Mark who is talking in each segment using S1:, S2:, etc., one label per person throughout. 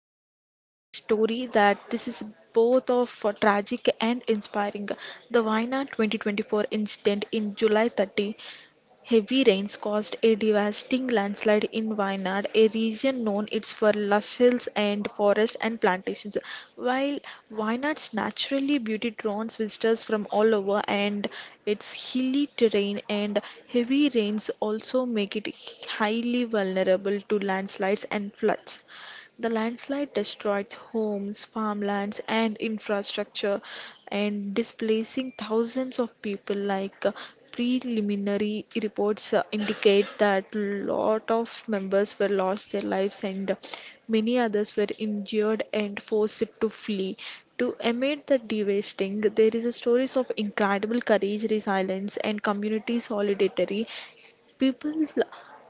S1: are bringing you a story that this is both of tragic and inspiring. The Wayanad 2024 incident in July 30. Heavy rains caused a devastating landslide in Wayanad, a region known its for lush hills and forests and plantations. While Wayanad's naturally beauty draws visitors from all over, and its hilly terrain and heavy rains also make it highly vulnerable to landslides and floods. The landslide destroyed homes, farmlands, and infrastructure, and displacing thousands of people. Like, preliminary reports indicate that lot of members were lost their lives, and many others were injured and forced to flee. To amid the devastating, there is a stories of incredible courage, resilience, and community solidarity. People l-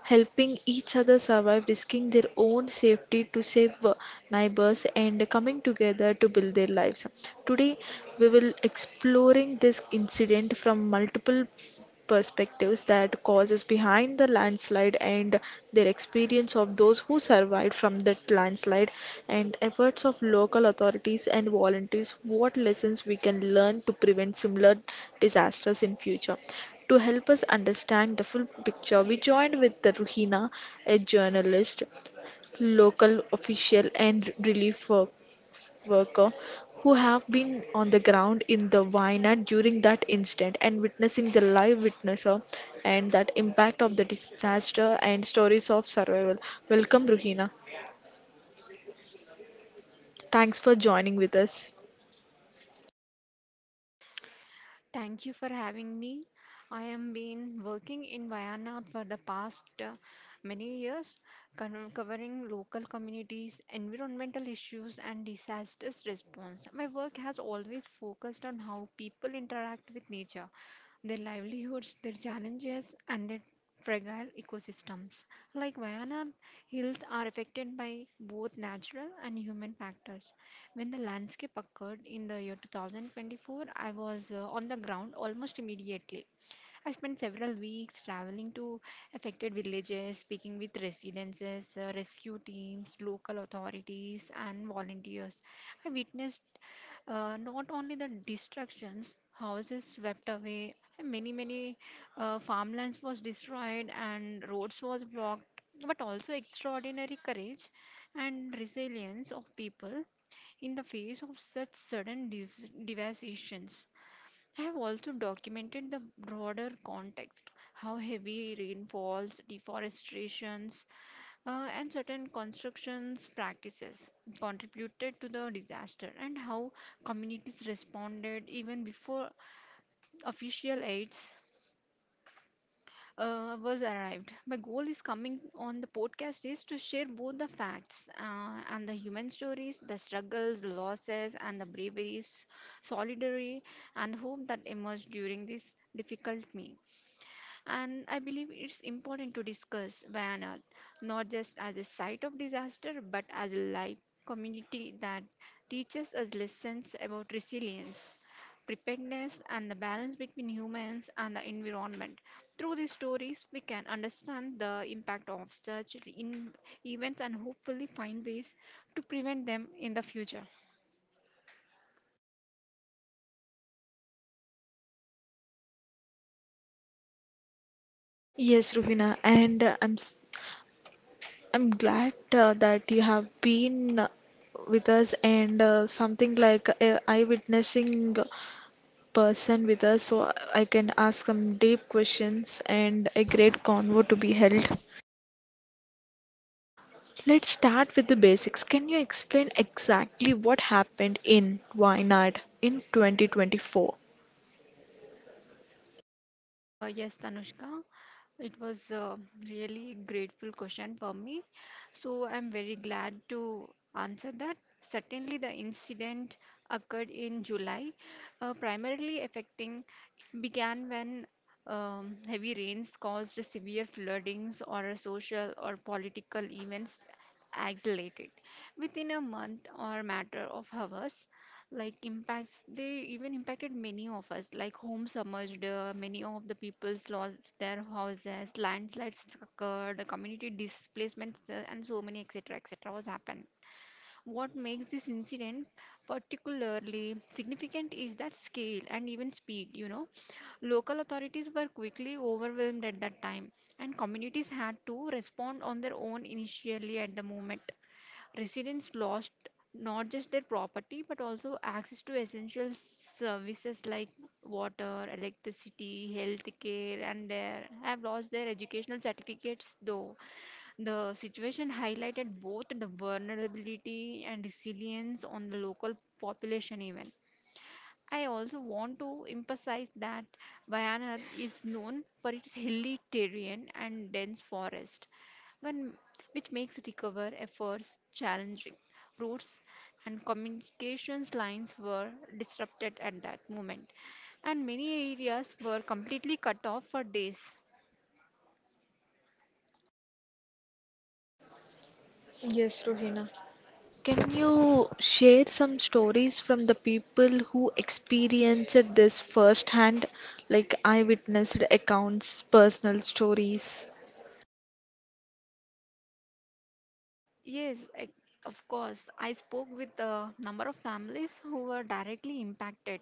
S1: Helping each other survive, risking their own safety to save neighbors, and coming together to build their lives. Today, we will exploring this incident from multiple perspectives, that causes behind the landslide and their experience of those who survived from that landslide and efforts of local authorities and volunteers, what lessons we can learn to prevent similar disasters in future, to help us understand the full picture. We joined with the Ruhina, a journalist, local official and relief worker who have been on the ground in the vineyard during that incident and witnessing the live witnesser and that impact of the disaster and stories of survival. Welcome, Ruhina. Thanks for joining with us.
S2: Thank you for having me. I am been working in Vienna for the past many years, covering local communities, environmental issues, and disasters response. My work has always focused on how people interact with nature, their livelihoods, their challenges, and their fragile ecosystems. Like Vayana, hills are affected by both natural and human factors. When the landscape occurred in the year 2024, I was on the ground almost immediately. I spent several weeks traveling to affected villages, speaking with residents, rescue teams, local authorities, and volunteers. I witnessed not only the destructions, houses swept away, and many farmlands was destroyed and roads was blocked, but also extraordinary courage and resilience of people in the face of such sudden devastations. I have also documented the broader context, how heavy rainfalls, deforestations, and certain constructions practices contributed to the disaster, and how communities responded even before official aids was arrived. My goal is coming on the podcast is to share both the facts and the human stories, the struggles, the losses, and the braveries, solidarity, and hope that emerged during this difficult me. And I believe it's important to discuss Wayanad not just as a site of disaster but as a life community that teaches us lessons about resilience, preparedness, and the balance between humans and the environment. Through these stories, we can understand the impact of such in events and hopefully find ways to prevent them in the future.
S1: Yes, Ruhina, and I'm glad that you have been with us and something like a eye-witnessing person with us, so I can ask some deep questions and a great convo to be held. Let's start with the basics. Can you explain exactly what happened in Wayanad in 2024?
S2: Yes, Tanushka. It was a really grateful question for me. So I'm very glad to answer that. Certainly, the incident occurred in July, primarily affecting, it began when heavy rains caused severe floodings or a social or political events accelerated. Within a month or matter of hours, like impacts, they even impacted many of us, like homes submerged, many of the people's lost their houses, landslides occurred, community displacements, and so many etc etc was happened. What makes this incident particularly significant is that scale and even speed, you know. Local authorities were quickly overwhelmed at that time, and communities had to respond on their own initially at the moment. Residents lost not just their property but also access to essential services like water, electricity, health care, and they have lost their educational certificates. Though the situation highlighted both the vulnerability and resilience on the local population, even. I also want to emphasize that Bayanar is known for its hilly terrain and dense forest when, which makes recover efforts challenging. Routes and communications lines were disrupted at that moment, and many areas were completely cut off for days.
S1: Yes, Rohina. Can you share some stories from the people who experienced this firsthand, like eyewitness accounts, personal stories?
S2: Yes, I, of course. I spoke with a number of families who were directly impacted.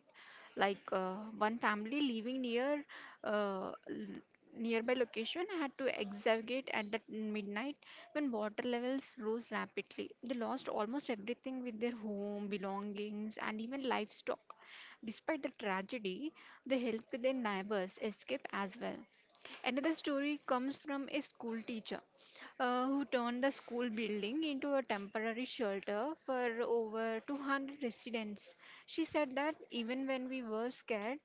S2: Like one family living near uh, l- nearby location had to evacuate at that midnight when water levels rose rapidly. They lost almost everything with their home, belongings, and even livestock. Despite the tragedy, they helped their neighbors escape as well. Another story comes from a school teacher who turned the school building into a temporary shelter for over 200 residents. She said that even when we were scared,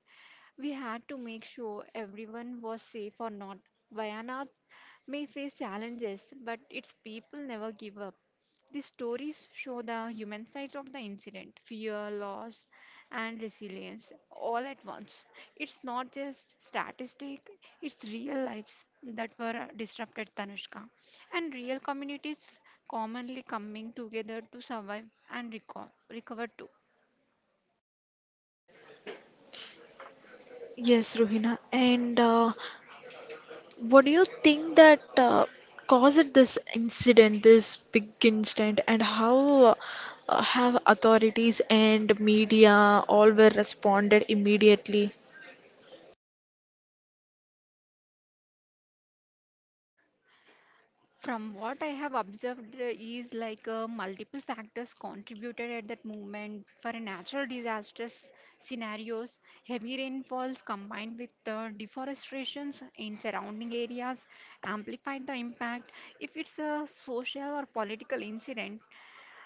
S2: we had to make sure everyone was safe or not. Wayanad may face challenges, but its people never give up. The stories show the human sides of the incident: fear, loss, and resilience all at once. It's not just statistic, it's real lives that were disrupted, Tanushka, and real communities commonly coming together to survive and recover too.
S1: Yes, Rohina. And what do you think that caused this incident, this big incident, and how have authorities and media all were responded immediately?
S2: From what I have observed is like multiple factors contributed at that moment for a natural disasters scenarios. Heavy rainfalls combined with deforestations in surrounding areas amplified the impact. If it's a social or political incident,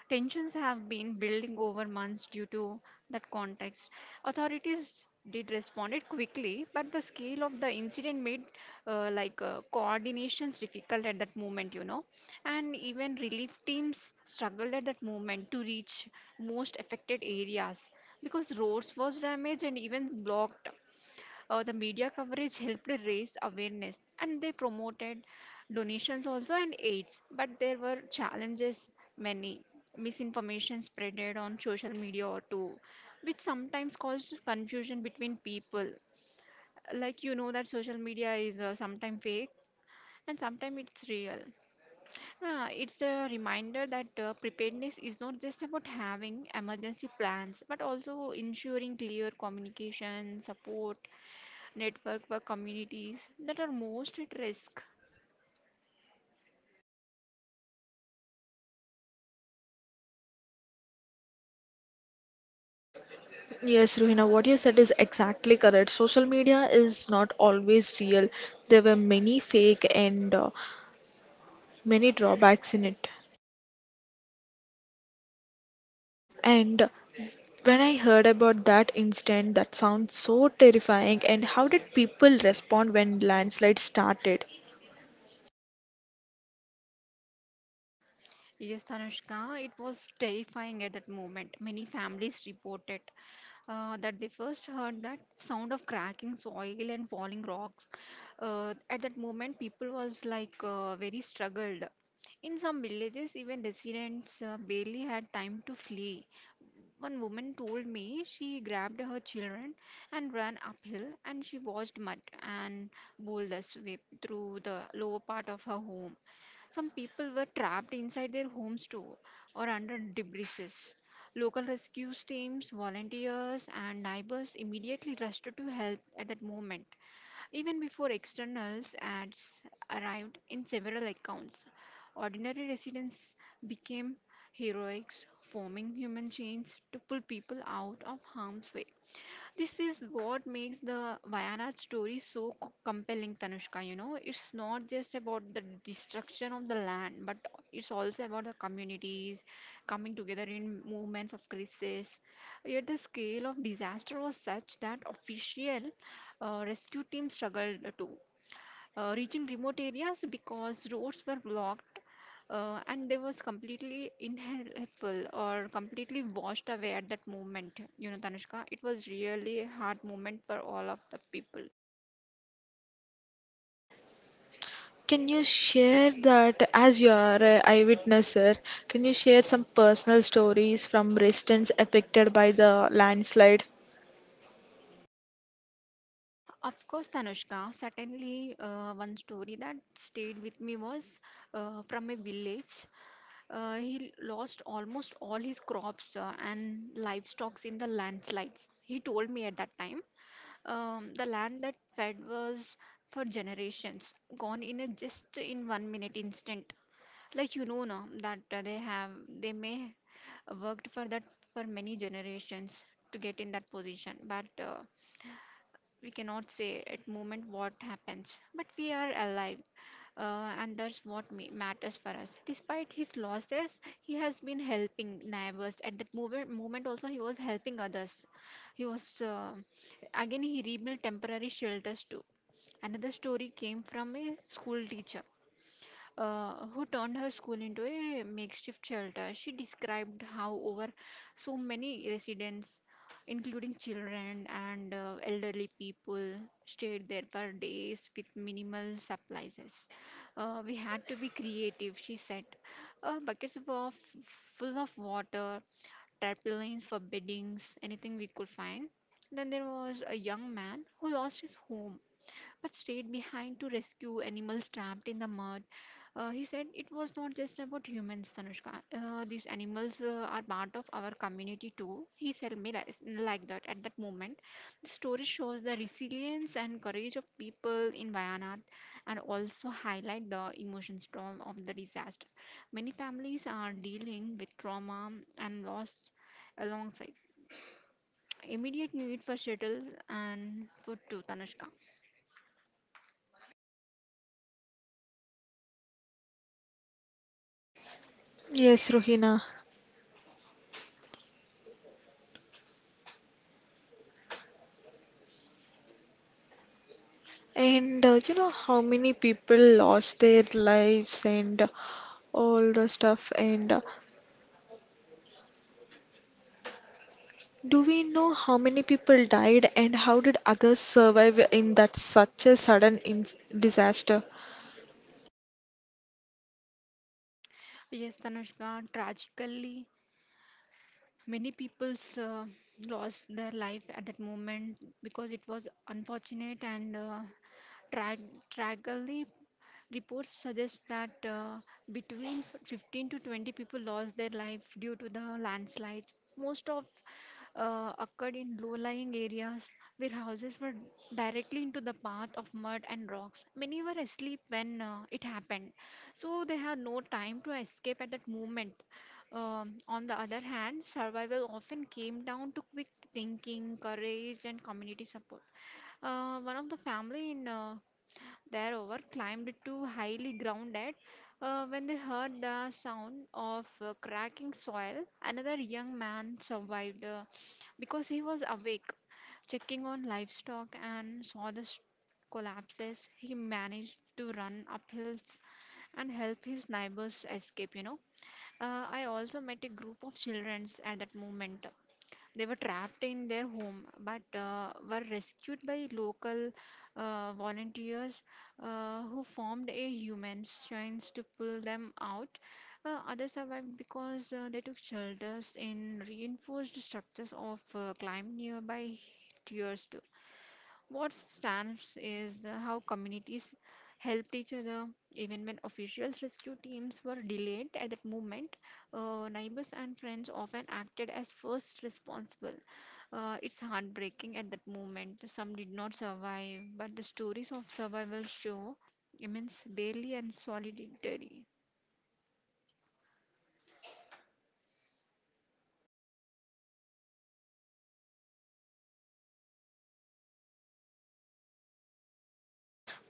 S2: tensions have been building over months due to that context. Authorities did responded quickly, but the scale of the incident made coordinations difficult at that moment, you know. And even relief teams struggled at that moment to reach most affected areas because roads was damaged and even blocked. The media coverage helped raise awareness and they promoted donations also and aids. But there were challenges, many misinformation spreaded on social media or too, which sometimes caused confusion between people. Like you know that social media is sometimes fake and sometimes it's real. It's a reminder that preparedness is not just about having emergency plans, but also ensuring clear communication, support, network for communities that are most at risk.
S1: Yes, Ruhina, what you said is exactly correct. Social media is not always real. There were many fake and many drawbacks in it. And when I heard about that incident, that sounds so terrifying. And how did people respond when landslide started?
S2: Yes, Anushka, it was terrifying at that moment. Many families reported that they first heard that sound of cracking soil and falling rocks. At that moment, people was like very struggled. In some villages, even residents barely had time to flee. One woman told me she grabbed her children and ran uphill, and she watched mud and boulders sweep through the lower part of her home. Some people were trapped inside their homes too, or under debris. Local rescue teams, volunteers, and neighbors immediately rushed to help at that moment. Even before externals ads arrived in several accounts, ordinary residents became heroics, forming human chains to pull people out of harm's way. This is what makes the Wayanad story so compelling, Tanushka. You know, it's not just about the destruction of the land, but it's also about the communities coming together in movements of crisis. Yet the scale of disaster was such that official rescue teams struggled too, reaching remote areas because roads were blocked, and they was completely inhelpful or completely washed away at that moment. You know, Tanushka, it was really a hard moment for all of the people.
S1: Can you share that, as you are an eyewitnesser? Can you share some personal stories from residents affected by the landslide?
S2: Of course, Tanushka, certainly, one story that stayed with me was from a village. He lost almost all his crops and livestock in the landslides. He told me at that time, the land that fed was for generations gone in a just in 1 minute instant. Like you know now that they have, they may worked for that for many generations to get in that position, but we cannot say at moment what happens but we are alive, and that's what matters for us. Despite his losses he has been helping neighbors at that moment also. He was helping others, he was, again he rebuilt temporary shelters too. Another story came from a school teacher who turned her school into a makeshift shelter. She described how, over so many residents, including children and elderly people, stayed there for days with minimal supplies. We had to be creative, she said. Buckets were full of water, tarpaulins for beddings, anything we could find. Then there was a young man who lost his home but stayed behind to rescue animals trapped in the mud. He said it was not just about humans, Tanushka. These animals are part of our community too. He said me like that at that moment. The story shows the resilience and courage of people in Wayanad and also highlight the emotion storm of the disaster. Many families are dealing with trauma and loss alongside immediate need for shelters and food too, Tanushka.
S1: Yes, Rohina. And you know, how many people lost their lives and all the stuff. And do we know how many people died and how did others survive in that such a sudden in disaster?
S2: Yes, Tanushka, tragically, many people's lost their life at that moment because it was unfortunate and tra tragically. Reports suggest that between 15 to 20 people lost their life due to the landslides. Most of occurred in low-lying areas where houses were directly into the path of mud and rocks. Many were asleep when it happened, so they had no time to escape at that moment. On the other hand, survival often came down to quick thinking, courage, and community support. One of the family in thereover climbed to highly grounded. When they heard the sound of cracking soil, another young man survived because he was awake, checking on livestock, and saw the collapses. He managed to run up hills and help his neighbors escape. You know, I also met a group of children at that moment. They were trapped in their home but were rescued by local volunteers who formed a human chains to pull them out. Others survived because they took shelters in reinforced structures of climbed nearby tiers. What stands is how communities helped each other, even when officials' rescue teams were delayed at that moment. Neighbors and friends often acted as first responsible. It's heartbreaking at that moment. Some did not survive, but the stories of survival show immense barely and solidarity.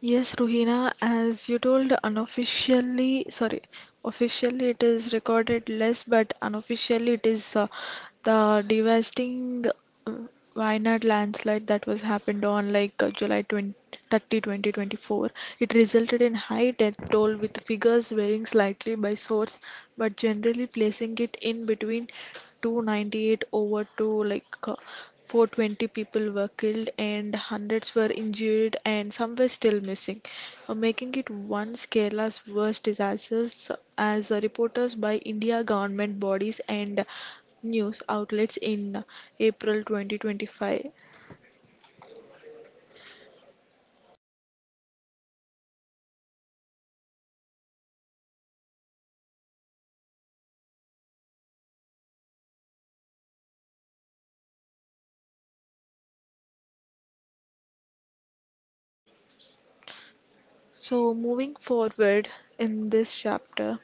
S1: Yes, Ruhina, as you told, unofficially, sorry, officially it is recorded less, but unofficially it is the devastating uh, Wayanad landslide that was happened on like July 20, 30, 2024. It resulted in high death toll with figures varying slightly by source, but generally placing it in between 298 over to like 420 people were killed and hundreds were injured and some were still missing, making it once Kerala's worst disasters as reporters by India government bodies and news outlets in April 2025. So moving forward in this chapter,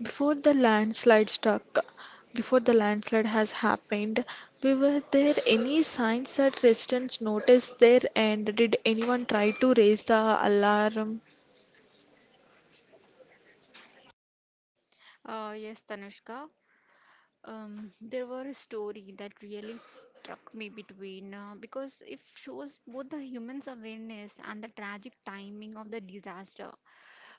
S1: before the landslide struck, before the landslide has happened, we were there any signs that residents noticed there, and did anyone try to raise the alarm?
S2: Yes, Tanushka. There were a story that really struck me between because it shows both the human's awareness and the tragic timing of the disaster.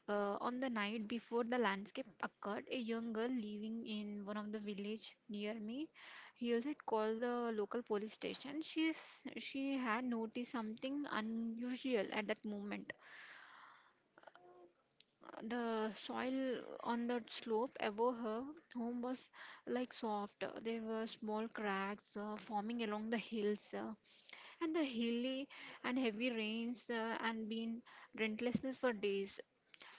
S2: On the night before the landscape occurred, a young girl living in one of the village near me, he had called the local police station. She had noticed something unusual at that moment. The soil on the slope above her home was like soft. There were small cracks forming along the hills, and the hilly and heavy rains and been relentlessness for days.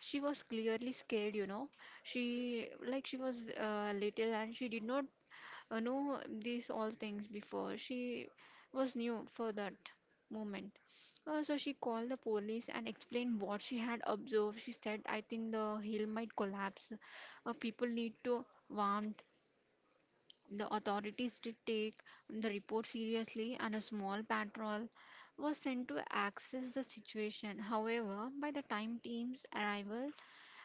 S2: She was clearly scared, you know. She was little and she did not know these all things before. She was new for that moment. So she called the police and explained what she had observed. She said, I think the hill might collapse. People need to warn the authorities to take the report seriously, and a small patrol was sent to access the situation. However, by the time teams arrived,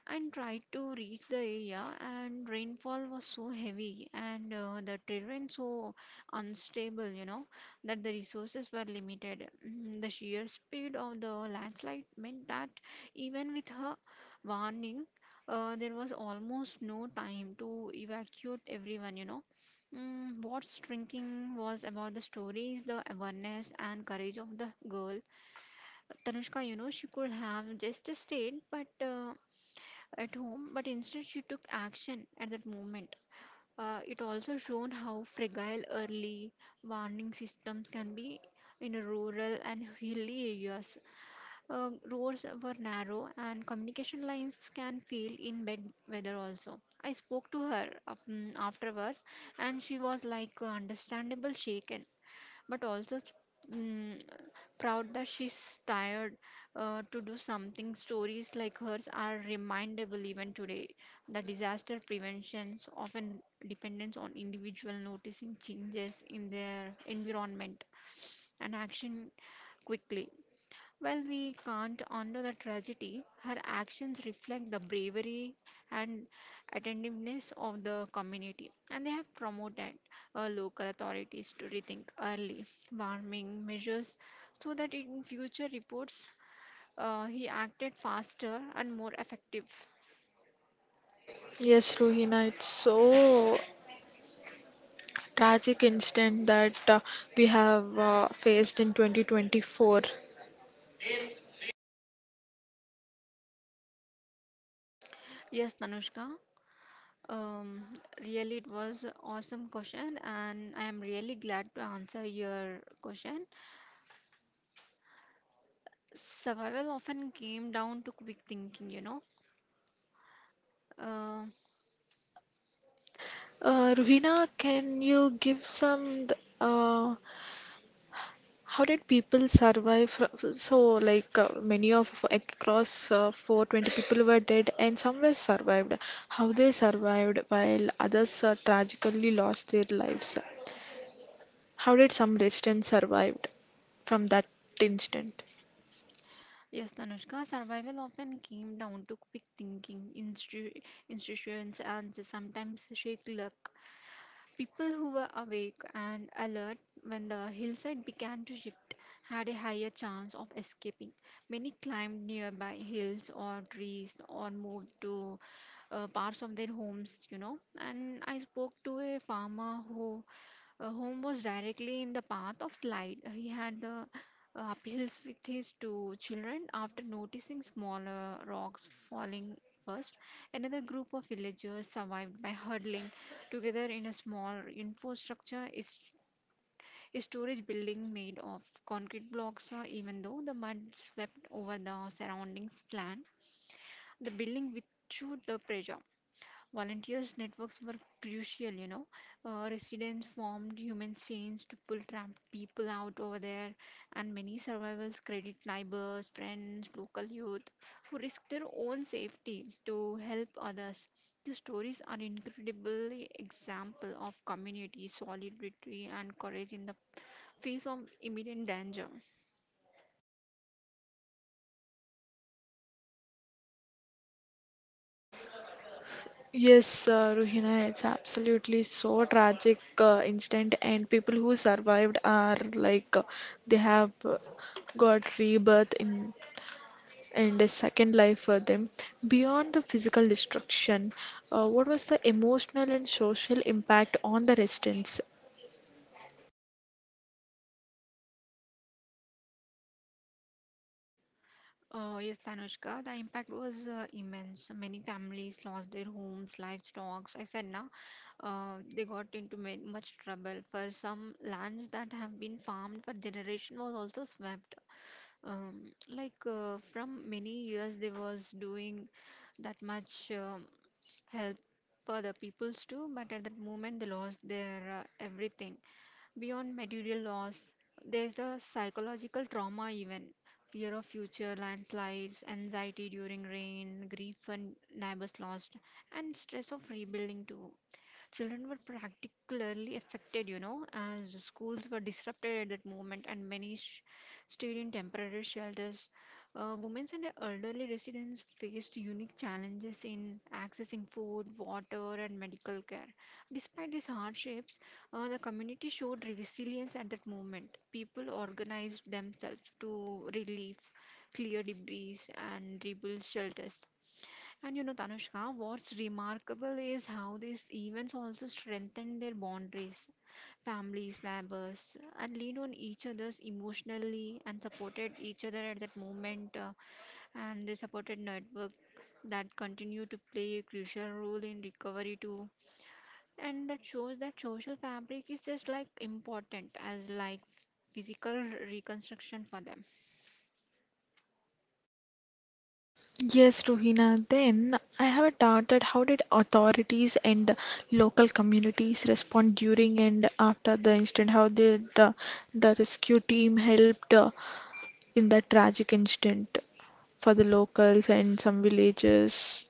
S2: and tried to reach the area and rainfall was so heavy and the terrain so unstable, you know, that the resources were limited. Mm, the sheer speed of the landslide meant that even with her warning, there was almost no time to evacuate everyone, you know. Mm, what's shrinking was about the stories, the awareness, and courage of the girl. Tanushka, you know, she could have just stayed, but at home, but instead she took action at that moment. It also shown how fragile early warning systems can be in rural and hilly areas. Roads were narrow and communication lines can fail in bad weather also. I spoke to her afterwards and she was like understandable shaken but also mm proud that she's tired to do something. Stories like hers are remindable even today that disaster preventions often depends on individual noticing changes in their environment and action quickly. Well, we can't undo the tragedy, her actions reflect the bravery and attentiveness of the community, and they have promoted local authorities to rethink early warming measures so that in future reports he acted faster and more effective.
S1: Yes, Ruhina, it's so tragic incident that we have faced in 2024.
S2: Yes, Tanushka, um, really it was a awesome question, and I am really glad to answer your question. Survival often came down to quick thinking Uh,
S1: Ruhina, can you give some uh, how did people survive? So, so, like many of like, across 420 people were dead, and some were survived. How they survived while others tragically lost their lives? How did some residents survived from that incident?
S2: yes, Tanushka, survival often came down to quick thinking, institutions, and sometimes shake luck. People who were awake and alert when the hillside began to shift had a higher chance of escaping. Many climbed nearby hills or trees or moved to parts of their homes, you know. And I spoke to a farmer who Home was directly in the path of slide. He had the uphills with his two children after noticing smaller rocks falling first. Another group of villagers survived by huddling together in a small infrastructure is a storage building made of concrete blocks. Even though the mud swept over the surrounding land, the building withstood the pressure. Volunteers' networks were crucial, you know. Residents formed human chains to pull trapped people out over there, and many survivors credit neighbors, friends, local youth who risked their own safety to help others. The stories are incredible example of community solidarity and courage in the face of imminent danger.
S1: Yes, Ruhina, it's absolutely so tragic incident, and people who survived are like they have got rebirth in and a second life for them. Beyond the physical destruction, what was the emotional and social impact on the residents?
S2: Yes, Tanushka, the impact was immense. Many families lost their homes, livestock. I said now, they got into much trouble. For some lands that have been farmed for generation was also swept. Like from many years, they was doing that much help for the peoples too, but at that moment they lost their everything. Beyond material loss, there's the psychological trauma even fear of future landslides, anxiety during rain, grief when neighbors lost, and stress of rebuilding too. Children were particularly affected, you know, as the schools were disrupted at that moment and many stayed in temporary shelters. Women and elderly residents faced unique challenges in accessing food, water, and medical care. Despite these hardships, the community showed resilience at that moment. People organized themselves to relieve, clear debris, and rebuild shelters. And you know, Tanushka, what's remarkable is how these events also strengthen their boundaries. Families, neighbors, and leaned on each other's emotionally and supported each other at that moment. And they supported network that continue to play a crucial role in recovery too. And that shows that social fabric is just like important as like physical reconstruction for them.
S1: Yes, Rohina. Then I have a doubt that, how did authorities and local communities respond during and after the incident? How did the rescue team helped in that tragic incident for the locals and some villages?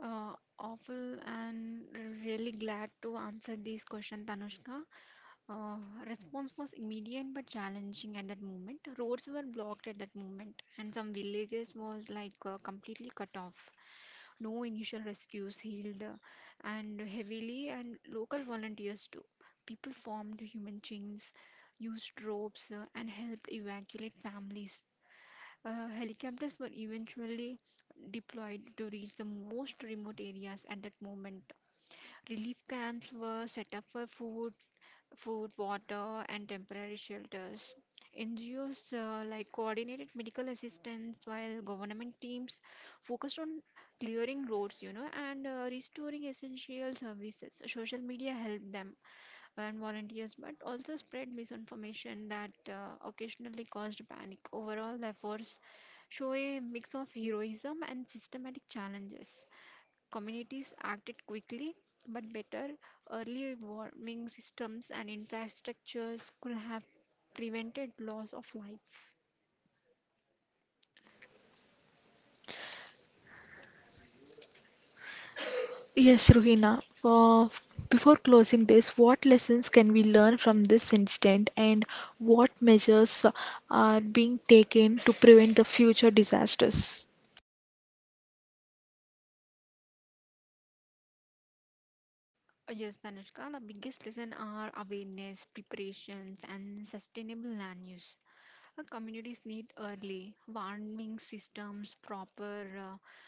S2: Uh, Awful and really glad to answer this question, Tanushka. Uh, Response was immediate but challenging at that moment. Roads were blocked at that moment, and some villages was like completely cut off. No initial rescues healed, and heavily, and local volunteers too. People formed human chains, used ropes, and helped evacuate families. Helicopters were eventually deployed to reach the most remote areas at that moment. Relief camps were set up for food, water, and temporary shelters. NGOs like coordinated medical assistance while government teams focused on clearing roads, you know, and restoring essential services. Social media helped them and volunteers, but also spread misinformation that occasionally caused panic. Overall, the efforts show a mix of heroism and systematic challenges. Communities acted quickly, but better early warning systems and infrastructures could have prevented loss of life.
S1: Yes, Ruhina. Before closing this, what lessons can we learn from this incident, and what measures are being taken to prevent the future disasters?
S2: Yes, Tanushka, the biggest lesson are awareness, preparations, and sustainable land use. Communities need early warning systems, proper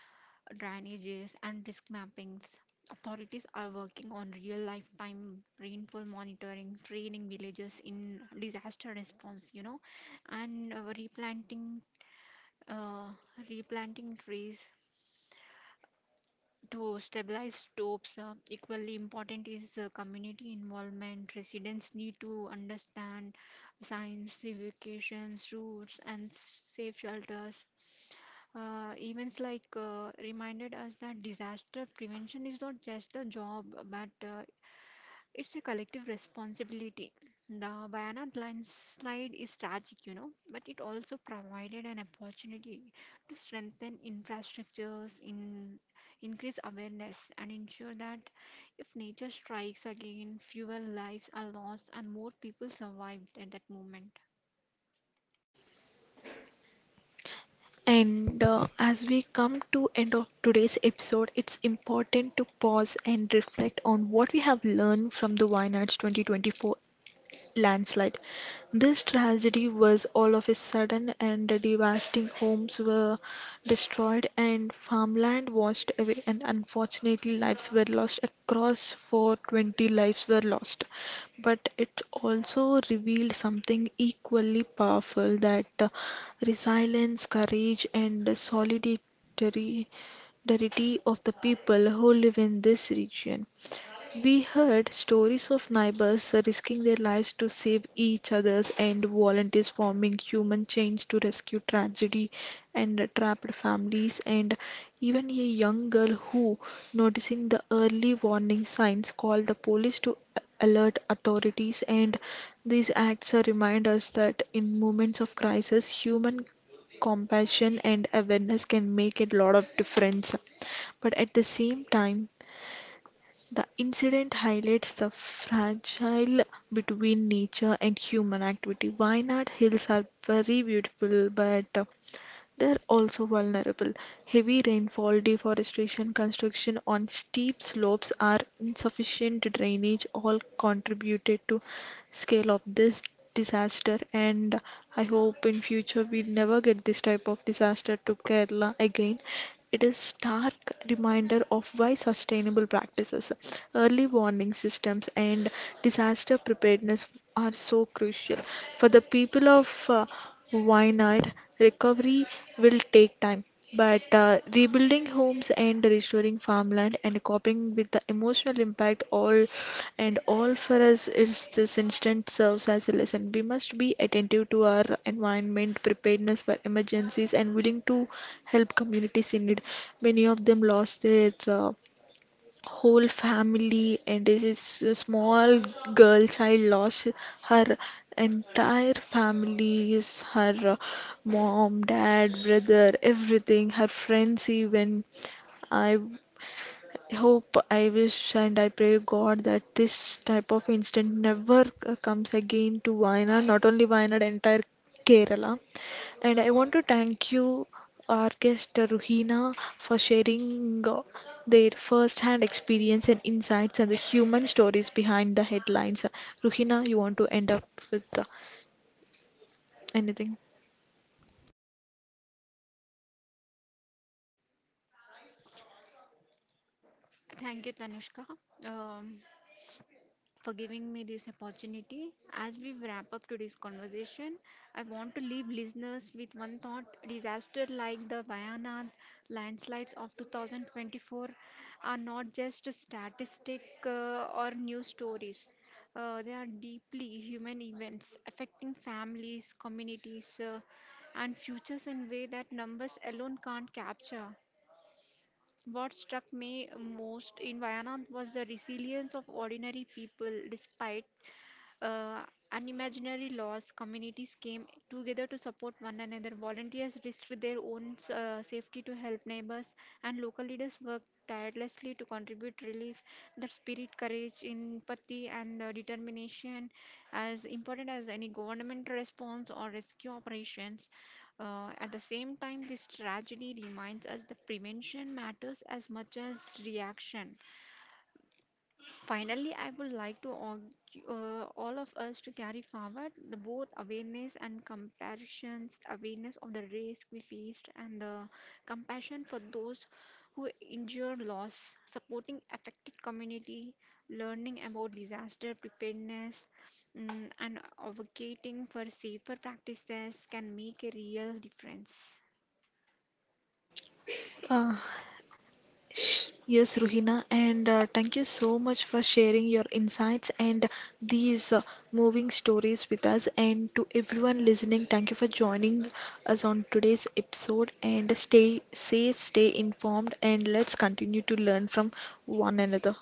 S2: drainages, and risk mappings. Authorities are working on real lifetime rainfall monitoring, training villages in disaster response, you know, and uh, replanting trees to stabilize slopes. Equally important is community involvement. Residents need to understand signs, evacuations, routes, and safe shelters. Events like reminded us that disaster prevention is not just a job, but it's a collective responsibility. The Bayana landslide is tragic, you know, but it also provided an opportunity to strengthen infrastructures, in increase awareness, and ensure that if nature strikes again, fewer lives are lost and more people survived at that moment.
S1: And as we come to end of today's episode, it's important to pause and reflect on what we have learned from the Why Nots 2024 landslide. This tragedy was all of a sudden and devastating. Homes were destroyed and farmland washed away, and unfortunately, lives were lost. Across 420 lives were lost. But it also revealed something equally powerful, that resilience, courage, and solidarity of the people who live in this region. We heard stories of neighbors risking their lives to save each other's, and volunteers forming human chains to rescue tragedy and trapped families, and even a young girl who, noticing the early warning signs, called the police to alert authorities. And these acts remind us that in moments of crisis, human compassion and awareness can make a lot of difference. But at the same time, the incident highlights the fragile between nature and human activity. Wainwright Hills are very beautiful, but they're also vulnerable. Heavy rainfall, deforestation, construction on steep slopes, are insufficient drainage all contributed to scale of this disaster. And I hope in future we never get this type of disaster to Kerala again. It is stark reminder of why sustainable practices, early warning systems and disaster preparedness are so crucial. For the people of Wynad, recovery will take time, but rebuilding homes and mind restoring farmland and coping with the emotional impact, all and all for us, is this instant serves as a lesson. We must be attentive to our environment, preparedness for emergencies and willing to help communities in need. Many of them lost their whole family, and this is a small girl child lost her entire family, is her mom, dad, brother, everything, her friends, even i I hope, I wish, and I pray God that this type of incident never comes again to Wayanad, not only Wayanad, entire Kerala. And I want to thank you, our guest Ruhina, for sharing their first hand experience and insights and the human stories behind the headlines. Ruhina, you want to end up with anything?
S2: Thank you, Tanushka. Um, for giving me this opportunity. As we wrap up today's conversation, I want to leave listeners with one thought: disaster like the Vayanath landslides of 2024 are not just a statistic or news stories. They are deeply human events affecting families, communities, and futures in way that numbers alone can't capture. What struck me most in Vayanad was the resilience of ordinary people despite uh, unimaginary loss, communities came together to support one another. Volunteers risked their own safety to help neighbors, and local leaders worked tirelessly to contribute relief. The spirit, courage, empathy, and determination, as important as any government response or rescue operations. At the same time, this tragedy reminds us that prevention matters as much as reaction. Finally, I would like to urge all of us to carry forward the both awareness and comparisons, awareness of the risk we faced, and the compassion for those who endure loss, supporting affected community, learning about disaster preparedness, mm, and advocating for safer practices can make a real difference.
S1: Uh, Yes, Ruhina, and thank you so much for sharing your insights and these moving stories with us. And to everyone listening, thank you for joining us on today's episode. And stay safe, stay informed, and let's continue to learn from one another.